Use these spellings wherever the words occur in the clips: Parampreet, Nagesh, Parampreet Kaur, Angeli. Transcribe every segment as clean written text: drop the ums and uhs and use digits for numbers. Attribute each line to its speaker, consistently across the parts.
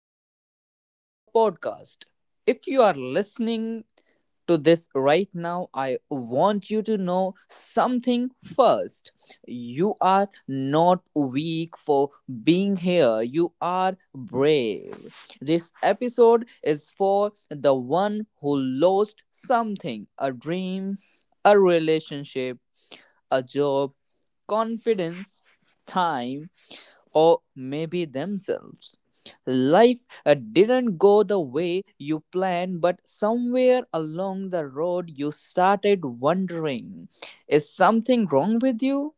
Speaker 1: everyone. Welcome to our podcast. If you are listening to this right now, I want you to know something first. You are not weak for being here, you are brave. This episode is for the one who lost something, a dream, a relationship, a job, confidence, time, or maybe themselves. Life didn't go the way you planned, but somewhere along the road you started wondering, is something wrong with you?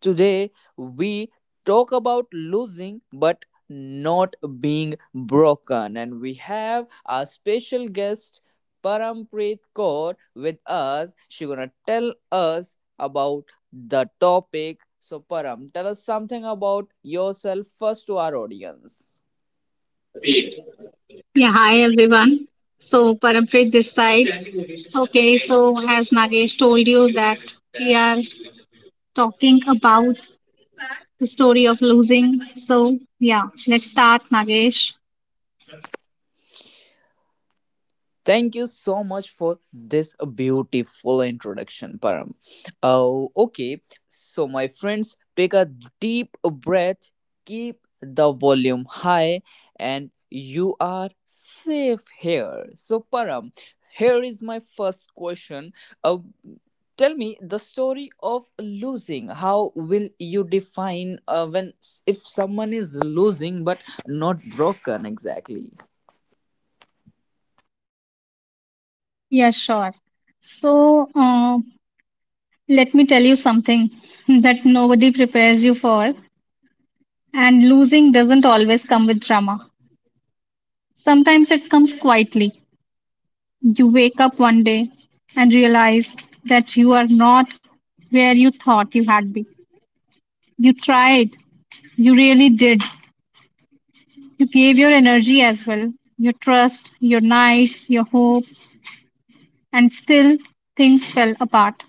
Speaker 1: Today, we talk about losing but not being broken, and we have our special guest Parampreet Kaur with us. She's gonna tell us about the topic. So, Param, tell us something about yourself first to our audience.
Speaker 2: Yeah, hi everyone. So Parampreet this side. Okay, so as Nagesh told you that we are talking about the story of losing. So yeah, let's start, Nagesh.
Speaker 1: Thank you so much for this beautiful introduction, Param. Oh, okay. So, my friends, take a deep breath, keep the volume high, and you are safe here. So, Param, here is my first question. Uh, Tell me the story of losing. How will you define, when if someone is losing but not broken exactly?
Speaker 2: Yeah, sure. So let me tell you something that nobody prepares you for, and losing doesn't always come with drama. Sometimes it comes quietly. You wake up one day and realize that you are not where you thought you had been. You tried. You really did. You gave your energy as well, your trust, your nights, your hope, and still things fell apart.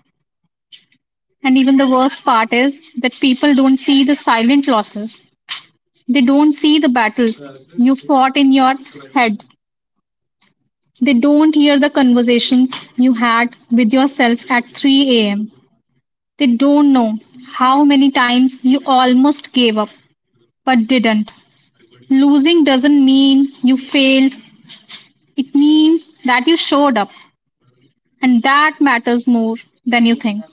Speaker 2: And even the worst part is that people don't see the silent losses. They don't see the battles you fought in your head. They don't hear the conversations you had with yourself at 3 a.m. They don't know how many times you almost gave up but didn't. Losing doesn't mean you failed. It means that you showed up, and that matters more than you think.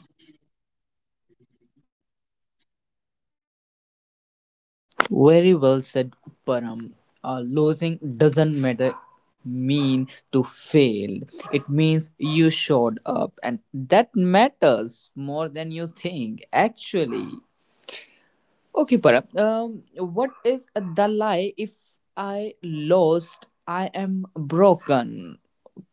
Speaker 1: Very well said, Param. Losing doesn't matter mean to fail. It means you showed up, and that matters more than you think. Actually, okay, Para. What is the lie? If I lost, I am broken.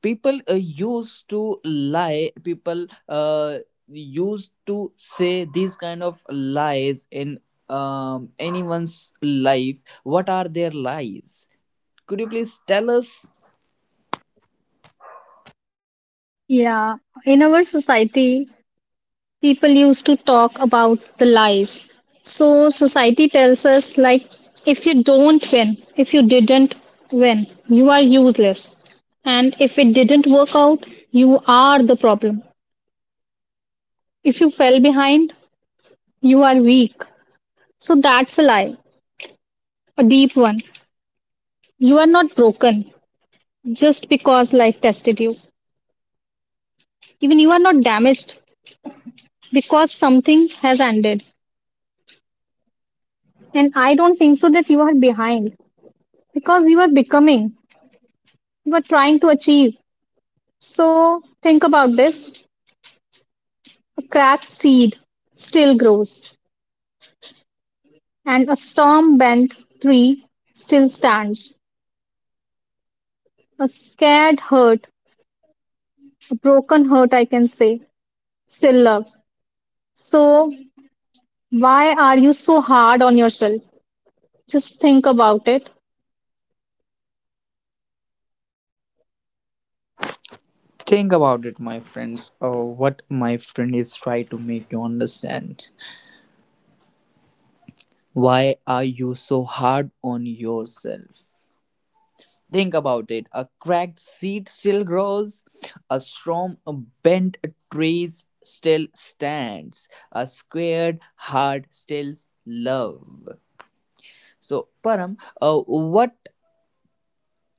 Speaker 1: People used to lie. People used to say these kind of lies in anyone's life. What are their lies? Could you please tell us?
Speaker 2: Yeah, in our society, people used to talk about the lies. So society tells us, like, if you don't win, if you didn't win, you are useless. And if it didn't work out, you are the problem. If you fell behind, you are weak. So that's a lie, a deep one. You are not broken just because life tested you. Even you are not damaged because something has ended. And I don't think so that you are behind because you are becoming, you are trying to achieve. So think about this, a cracked seed still grows, and a storm bent tree still stands. A scared hurt, a broken hurt, I can say, still loves. So why are you so hard on yourself? Just think about it.
Speaker 1: Think about it, my friends. What my friend is trying to make you understand. Why are you so hard on yourself? Think about it. A cracked seed still grows, a storm bent trees still stands, a squared heart still love. So, Param, what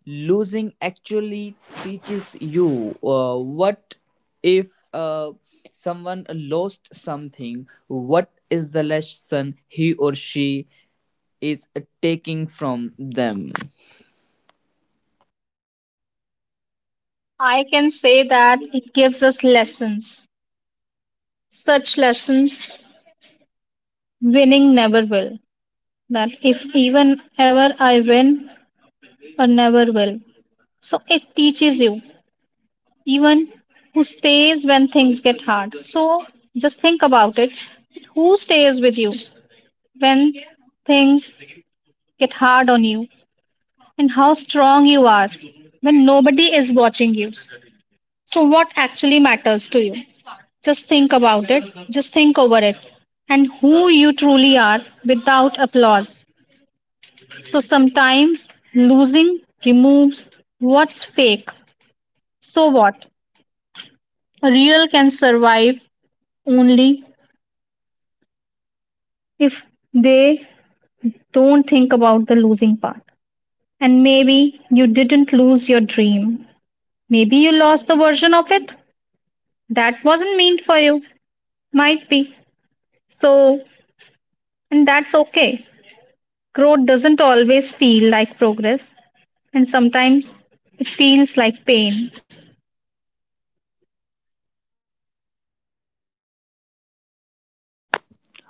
Speaker 1: losing actually teaches you? What if someone lost something? What is the lesson he or she is taking from them?
Speaker 2: I can say that it gives us lessons, such lessons winning never will. That if even ever I win or never will. So it teaches you, even who stays when things get hard. So just think about it. Who stays with you when things get hard on you, and how strong you are when nobody is watching you. So what actually matters to you? Just think about it. Just think over it, and who you truly are without applause. So sometimes losing removes what's fake. So what? Real can survive only if they don't think about the losing part. And maybe you didn't lose your dream. Maybe you lost the version of it that wasn't meant for you. Might be. So, and that's okay. Growth doesn't always feel like progress, and sometimes it feels like pain.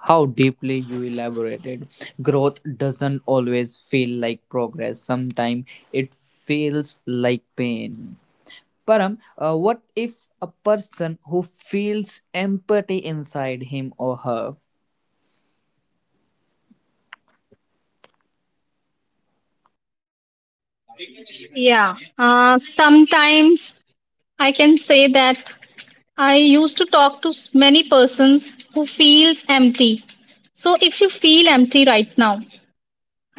Speaker 1: How deeply you elaborated. Growth doesn't always feel like progress. Sometimes it feels like pain. Param, what if a person who feels empathy inside him or her?
Speaker 2: Yeah, sometimes I can say that I used to talk to many persons who feels empty. So if you feel empty right now,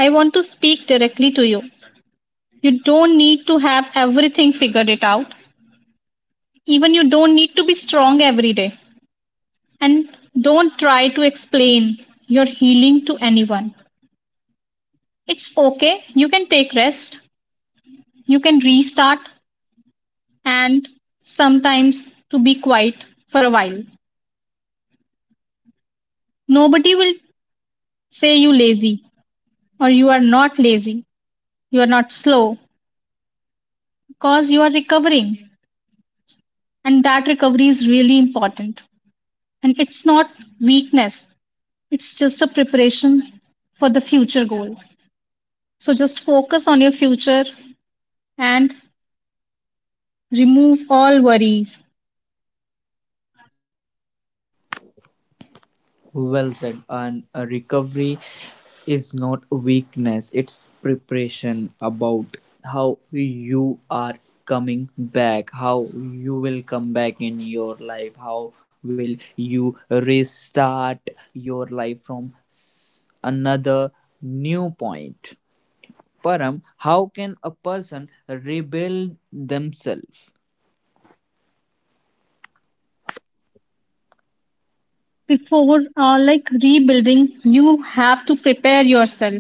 Speaker 2: I want to speak directly to you. You don't need to have everything figured it out. Even you don't need to be strong every day. And don't try to explain your healing to anyone. It's okay. You can take rest. You can restart and sometimes to be quiet for a while. Nobody will say you lazy. Or you are not lazy, you are not slow, because you are recovering. And that recovery is really important. And it's not weakness, it's just a preparation for the future goals. So just focus on your future and remove all worries.
Speaker 1: Well said. And a recovery is not a weakness, it's preparation about how you are coming back, how you will come back in your life, how will you restart your life from another new point. Param, how can a person rebuild themselves?
Speaker 2: Before like rebuilding, you have to prepare yourself.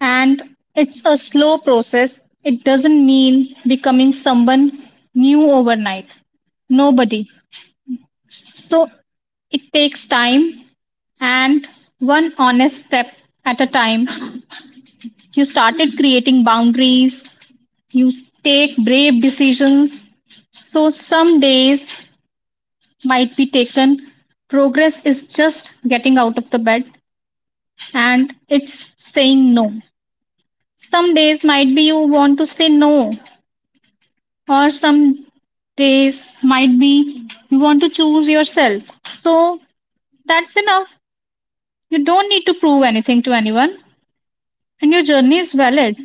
Speaker 2: And it's a slow process. It doesn't mean becoming someone new overnight. Nobody. So it takes time and one honest step at a time. You started creating boundaries, you take brave decisions. So some days might be taken. Progress is just getting out of the bed and it's saying no. Some days might be you want to say no, or some days might be you want to choose yourself. So that's enough. You don't need to prove anything to anyone. And your journey is valid,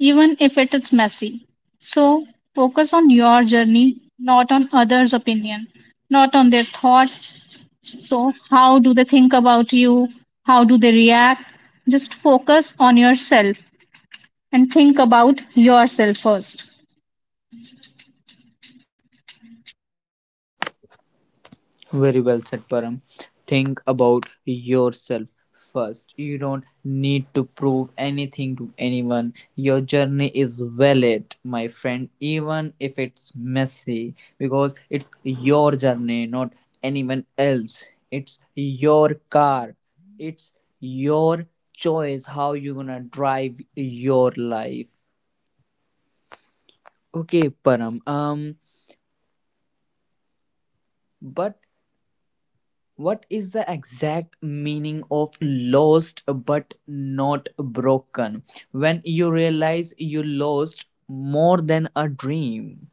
Speaker 2: even if it is messy. So focus on your journey, not on others' opinion, not on their thoughts. So, how do they think about you? How do they react? Just focus on yourself and think about yourself first.
Speaker 1: Very well said, Param. Think about yourself first. You don't need to prove anything to anyone. Your journey is valid, my friend, even if it's messy, because it's your journey, not anyone else. It's your car. It's your choice how you're gonna drive your life. Okay, Param. But what is the exact meaning of lost but not broken? When you realize you lost more than a dream.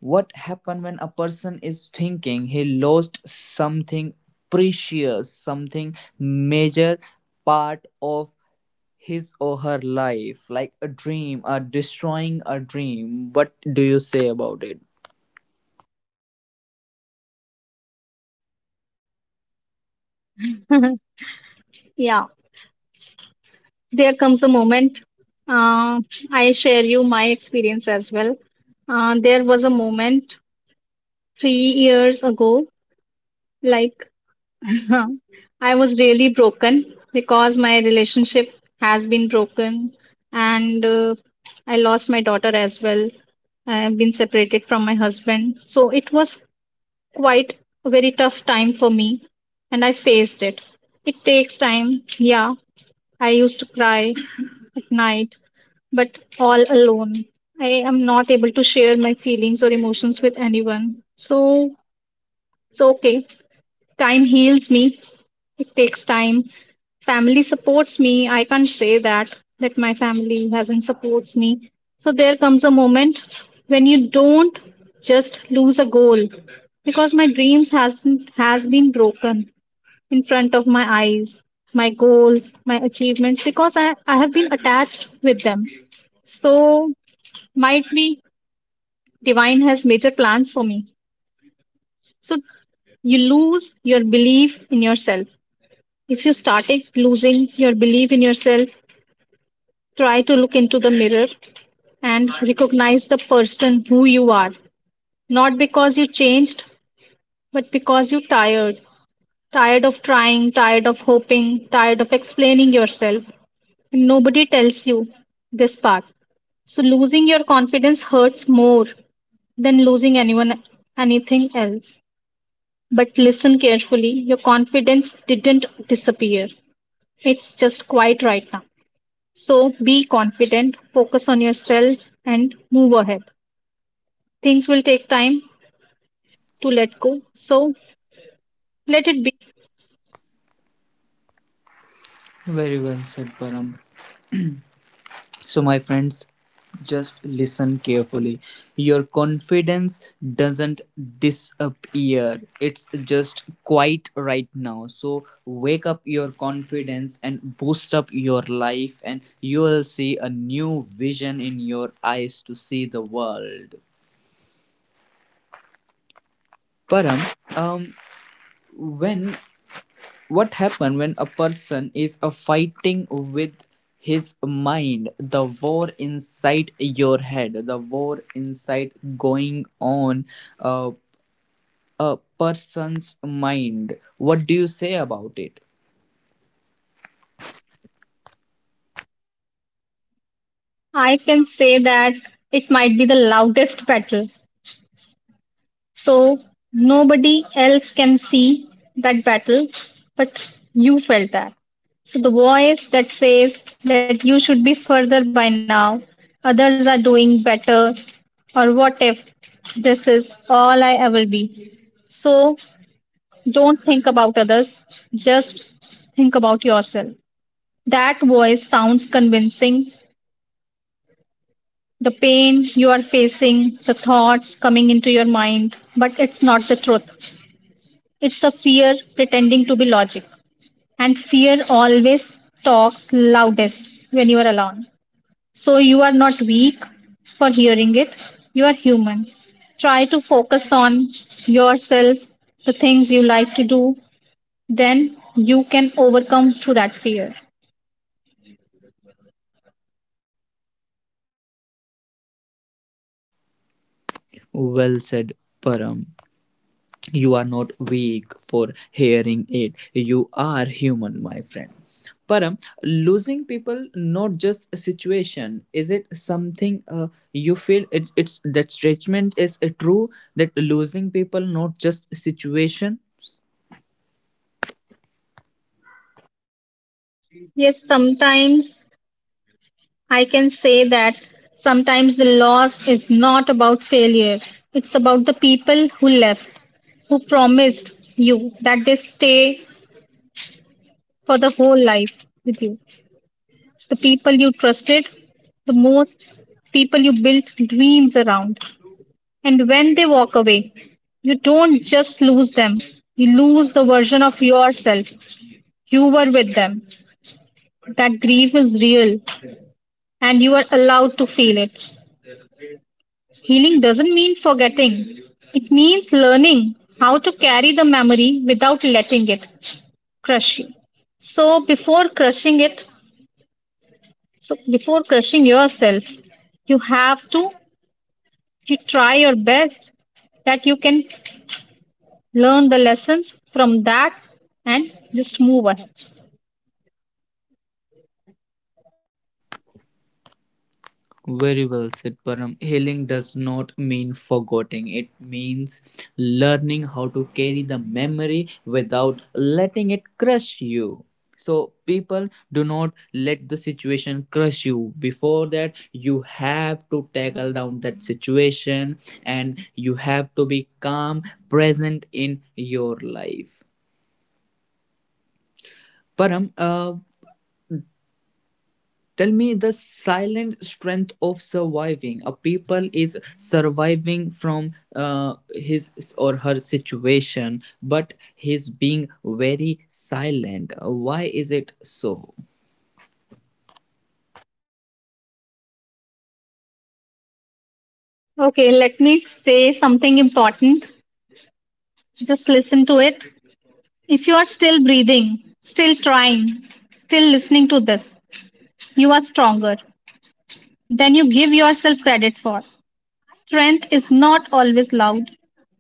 Speaker 1: What happens when a person is thinking he lost something precious, something major part of his or her life, like a dream, or destroying a dream? What do you say about it?
Speaker 2: Yeah, there comes a moment. Uh, I share you my experience as well. There was a moment 3 years ago, like. Huh. I was really broken because my relationship has been broken, and I lost my daughter as well. I have been separated from my husband. So it was quite a very tough time for me, and I faced it. It takes time. Yeah, I used to cry at night, but all alone. I am not able to share my feelings or emotions with anyone. So it's okay. Time heals me, it takes time. Family supports me. I can't say that my family hasn't supports me. So there comes a moment when you don't just lose a goal, because my dreams hasn't has been broken in front of my eyes, my goals, my achievements, because I have been attached with them. So might be divine has major plans for me. So you lose your belief in yourself. If you started losing your belief in yourself, try to look into the mirror and recognize the person who you are. Not because you changed, but because you tired. Tired of trying, tired of hoping, tired of explaining yourself. And nobody tells you this part. So losing your confidence hurts more than losing anyone anything else. But listen carefully, your confidence didn't disappear. It's just quiet right now. So be confident, focus on yourself, and move ahead. Things will take time to let go, so let it be.
Speaker 1: Very well said, Param. So, my friends, just listen carefully. Your confidence doesn't disappear, it's just quite right now. So, wake up your confidence and boost up your life, and you will see a new vision in your eyes to see the world. Param, um, when what happens when a person is fighting with his mind, the war inside your head, the war inside going on uh, a person's mind, what do you say about it?
Speaker 2: I can say that it might be the loudest battle. So nobody else can see that battle, but you felt that. So the voice that says that you should be further by now, others are doing better, or what if this is all I ever be. So don't think about others, just think about yourself. That voice sounds convincing. The pain you are facing, the thoughts coming into your mind, but it's not the truth. It's a fear pretending to be logic. And fear always talks loudest when you are alone. So you are not weak for hearing it, you are human. Try to focus on yourself, the things you like to do, then you can overcome through that fear.
Speaker 1: Well said, Param. You are not weak for hearing it, you are human, my friend. Param, losing people, not just a situation, is it something you feel? It's that statement is true, that losing people, not just situation.
Speaker 2: Yes, sometimes I can say that sometimes the loss is not about failure. It's about the people who left, who promised you that they stay for the whole life with you. The people you trusted, the most people you built dreams around. And when they walk away, you don't just lose them, you lose the version of yourself you were with them. That grief is real and you are allowed to feel it. Healing doesn't mean forgetting, it means learning how to carry the memory without letting it crush you. So, before crushing it, so before crushing yourself, you have to you try your best that you can learn the lessons from that and just move ahead.
Speaker 1: Very well said, Param. Healing does not mean forgetting. It means learning how to carry the memory without letting it crush you. So, people, do not let the situation crush you. Before that, you have to tackle down that situation and you have to be calm, present in your life. Param, tell me the silent strength of surviving. A people is surviving from his or her situation, but he's being very silent. Why is it so?
Speaker 2: Okay, let me say something important. Just listen to it. If you are still breathing, still trying, still listening to this, you are stronger than you give yourself credit for. Strength is not always loud.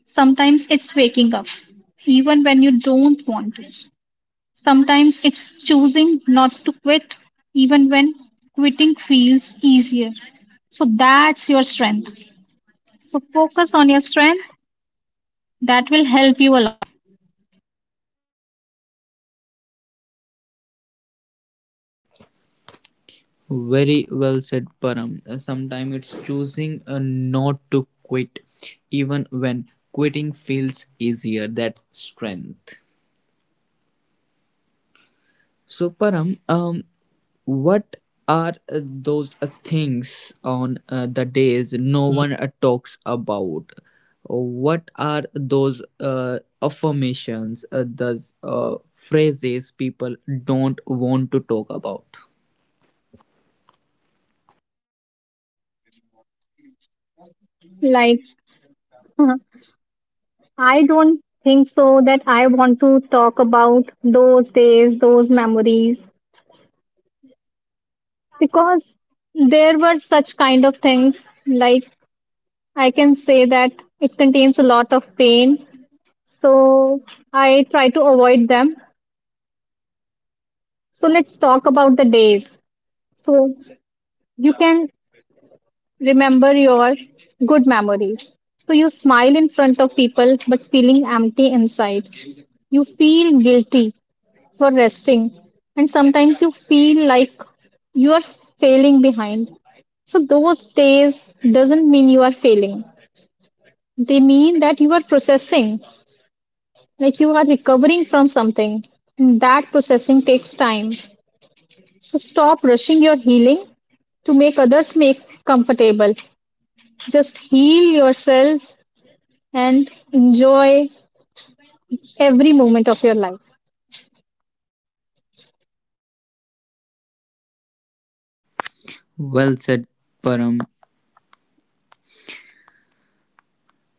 Speaker 2: Sometimes it's waking up, even when you don't want to. Sometimes it's choosing not to quit, even when quitting feels easier. So that's your strength. So focus on your strength. That will help you a lot.
Speaker 1: Very well said, Param. Sometimes it's choosing not to quit, even when quitting feels easier. That's strength. So, Param, what are those things on the days no one talks about? What are those affirmations, those phrases people don't want to talk about?
Speaker 2: Like, I don't think so that I want to talk about those days, those memories, because there were such kind of things. Like, I can say that it contains a lot of pain. So I try to avoid them. So let's talk about the days. So you can remember your good memories. So you smile in front of people, but feeling empty inside. You feel guilty for resting, and sometimes you feel like you are failing behind. So those days doesn't mean you are failing. They mean that you are processing, like you are recovering from something. And that processing takes time. So stop rushing your healing to make others make comfortable. Just heal yourself and enjoy every moment of your life.
Speaker 1: Well said, Param.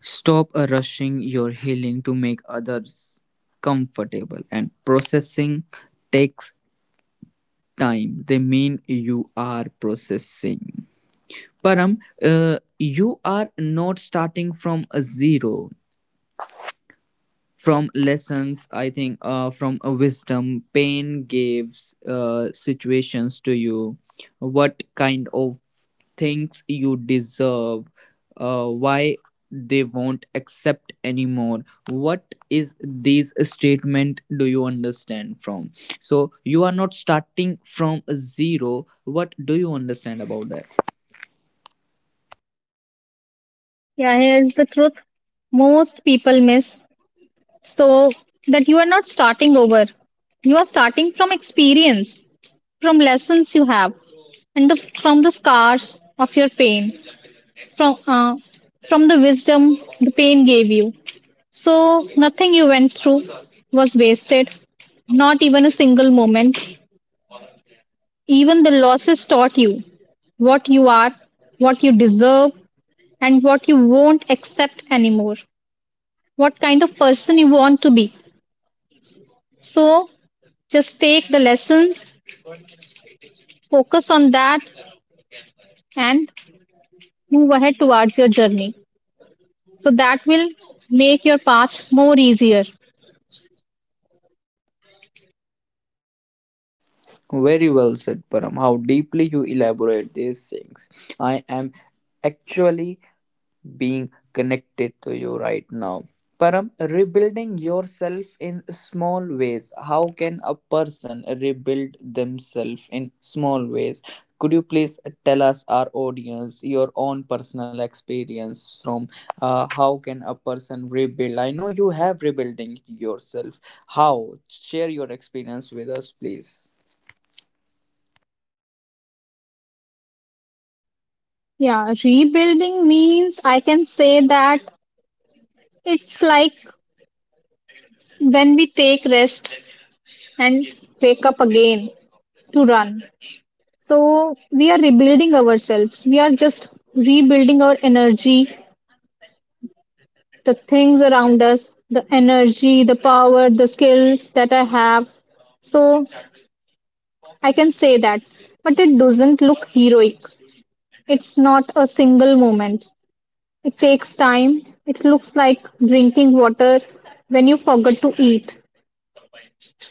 Speaker 1: Stop rushing your healing to make others comfortable, and processing takes time. They mean you are processing. Param, you are not starting from a zero. From lessons, I think, from a wisdom, pain gives situations to you. What kind of things you deserve? Why they won't accept anymore? What is these statement do you understand from? So you are not starting from a zero. What do you understand about that?
Speaker 2: Yeah, here's the truth. Most people miss. So that you are not starting over. You are starting from experience, from lessons you have, and from the scars of your pain, from uh, from the wisdom the pain gave you. So nothing you went through was wasted, not even a single moment. Even the losses taught you what you are, what you deserve, and what you won't accept anymore, what kind of person you want to be. So just take the lessons, focus on that, and move ahead towards your journey. So that will make your path more easier.
Speaker 1: Very well said, Param. How deeply you elaborate these things. I am actually being connected to you right now. Param, rebuilding yourself in small ways. How can a person rebuild themselves in small ways? Could you please tell us, our audience, your own personal experience from how can a person rebuild? I know you have rebuilding yourself. How? Share your experience with us, please.
Speaker 2: Yeah, rebuilding means I can say that it's like when we take rest and wake up again to run. So we are rebuilding ourselves. We are just rebuilding our energy, the things around us, the energy, the power, the skills that I have. So I can say that, but it doesn't look heroic. It's not a single moment. It takes time. It looks like drinking water when you forget to eat,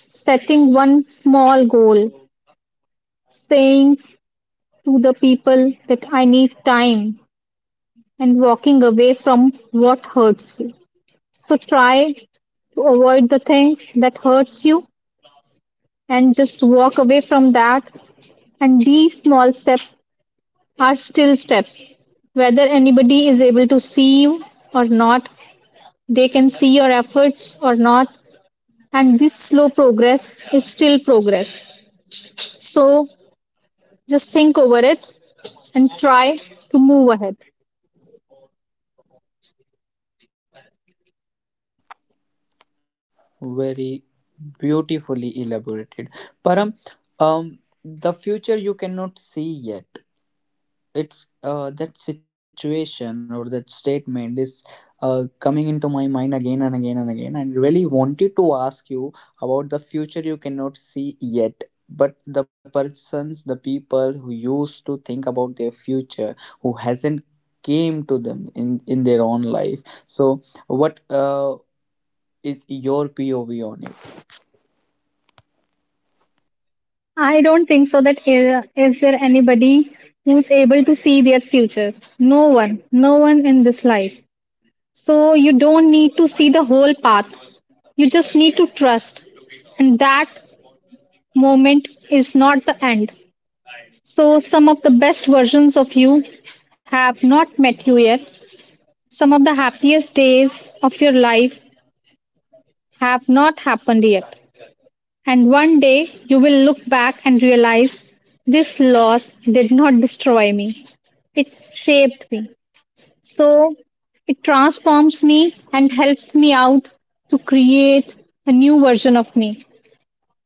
Speaker 2: setting one small goal, saying to the people that I need time, and walking away from what hurts you. So try to avoid the things that hurts you and just walk away from that, and these small steps are still steps. Whether anybody is able to see you or not, they can see your efforts or not, and this slow progress is still progress. So just think over it and try to move ahead.
Speaker 1: Very beautifully elaborated, Param. um the future you cannot see yet, it's, that situation or that statement is coming into my mind again and again and again, and really wanted to ask you about the future you cannot see yet, but the persons, the people who used to think about their future, who hasn't came to them in their own life. So what is your pov on it?
Speaker 2: I don't think so that is there anybody who's able to see their future. No one, no one in this life. So you don't need to see the whole path. You just need to trust and that moment is not the end. So some of the best versions of you have not met you yet. Some of the happiest days of your life have not happened yet. And one day you will look back and realize this loss did not destroy me, it shaped me. So it transforms me and helps me out to create a new version of me.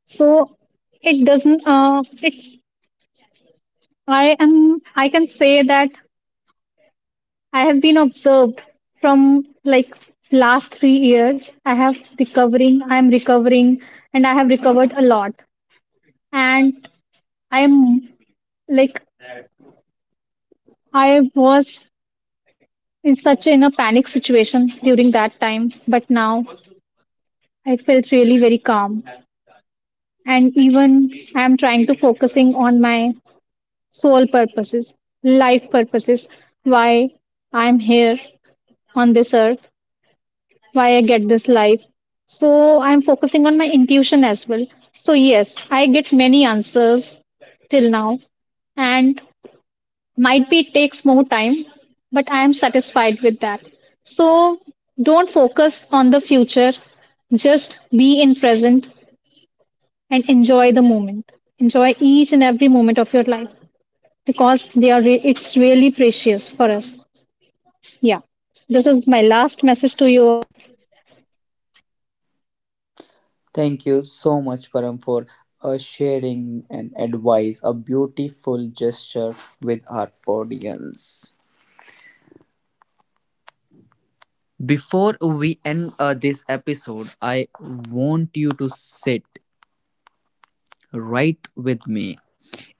Speaker 2: So, it doesn't, it's, I am, I can say that I have been observed from like last 3 years. I have recovering, I am recovering, and I have recovered a lot. And I am, like, I was in such in a panic situation during that time, but now I felt really very calm. And even I am trying to focusing on my soul purposes, life purposes, why I am here on this earth, why I get this life. So I'm focusing on my intuition as well. So yes, I get many answers till now, and might be it takes more time, but I am satisfied with that. So don't focus on the future, just be in present and enjoy the moment. Enjoy each and every moment of your life because they are it's really precious for us. Yeah, this is my last message to you.
Speaker 1: Thank you so much, Param, for sharing an advice, a beautiful gesture with our audience. Before we end this episode, I want you to sit right with me.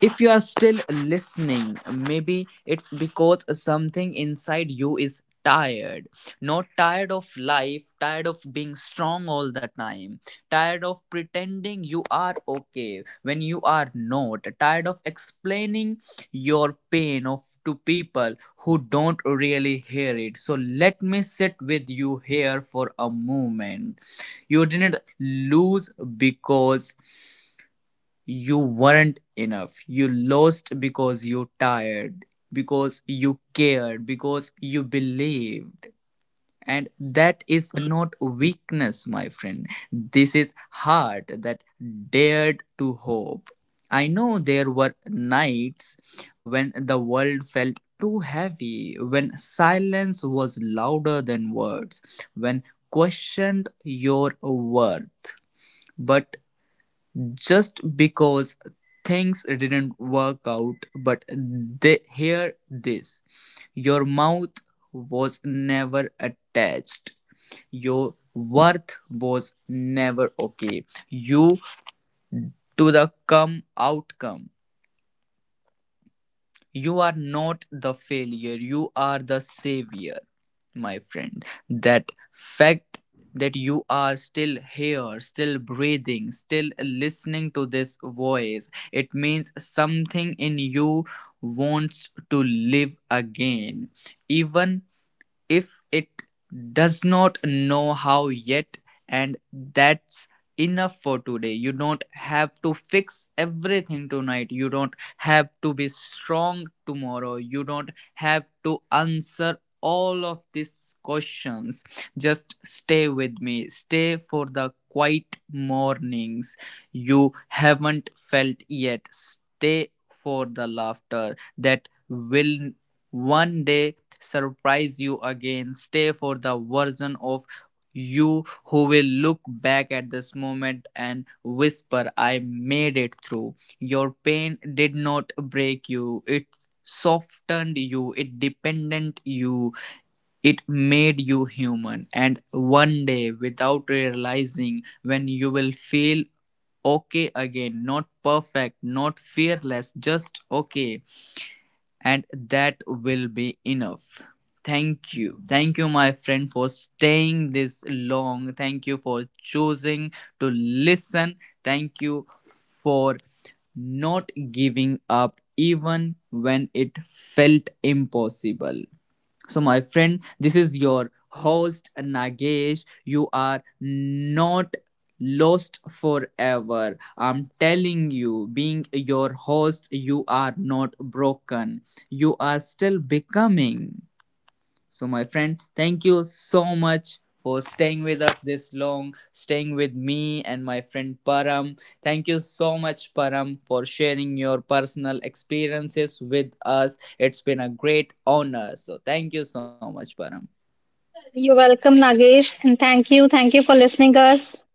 Speaker 1: If you are still listening, maybe it's because something inside you is tired. Not tired of life, tired of being strong all the time, tired of pretending you are okay when you are not, tired of explaining your pain of to people who don't really hear it. So let me sit with you here for a moment. You didn't lose because you weren't enough. You lost because you tired, because you cared, because you believed. And that is not weakness, my friend. This is heart that dared to hope. I know there were nights when the world felt too heavy, when silence was louder than words, when questioned your worth. But just because things didn't work out, but they hear this, your mouth was never attached, your worth was never okay, you to the come outcome. You are not the failure, you are the savior, my friend. That fact that you are still here, still breathing, still listening to this voice, it means something in you wants to live again, even if it does not know how yet. And that's enough for today. You don't have to fix everything tonight, you don't have to be strong tomorrow, you don't have to answer all of these questions. Just stay with me. Stay for the quiet mornings you haven't felt yet. Stay for the laughter that will one day surprise you again. Stay for the version of you who will look back at this moment and whisper, I made it through. Your pain did not break you, it softened you, it dependent you, it made you human. And one day, without realizing, when you will feel okay again, not perfect, not fearless, just okay. And that will be enough. Thank you. Thank you, my friend, for staying this long. Thank you for choosing to listen. Thank you for not giving up even when it felt impossible. So, my friend, this is your host Nagesh. You are not lost forever. I'm telling you, being your host, you are not broken. You are still becoming. So, my friend, thank you so much for staying with us this long, staying with me and my friend Param. Thank you so much, Param, for sharing your personal experiences with us. It's been a great honor. So, thank you so much, Param.
Speaker 2: You're welcome, Nagesh, and thank you. Thank you for listening us.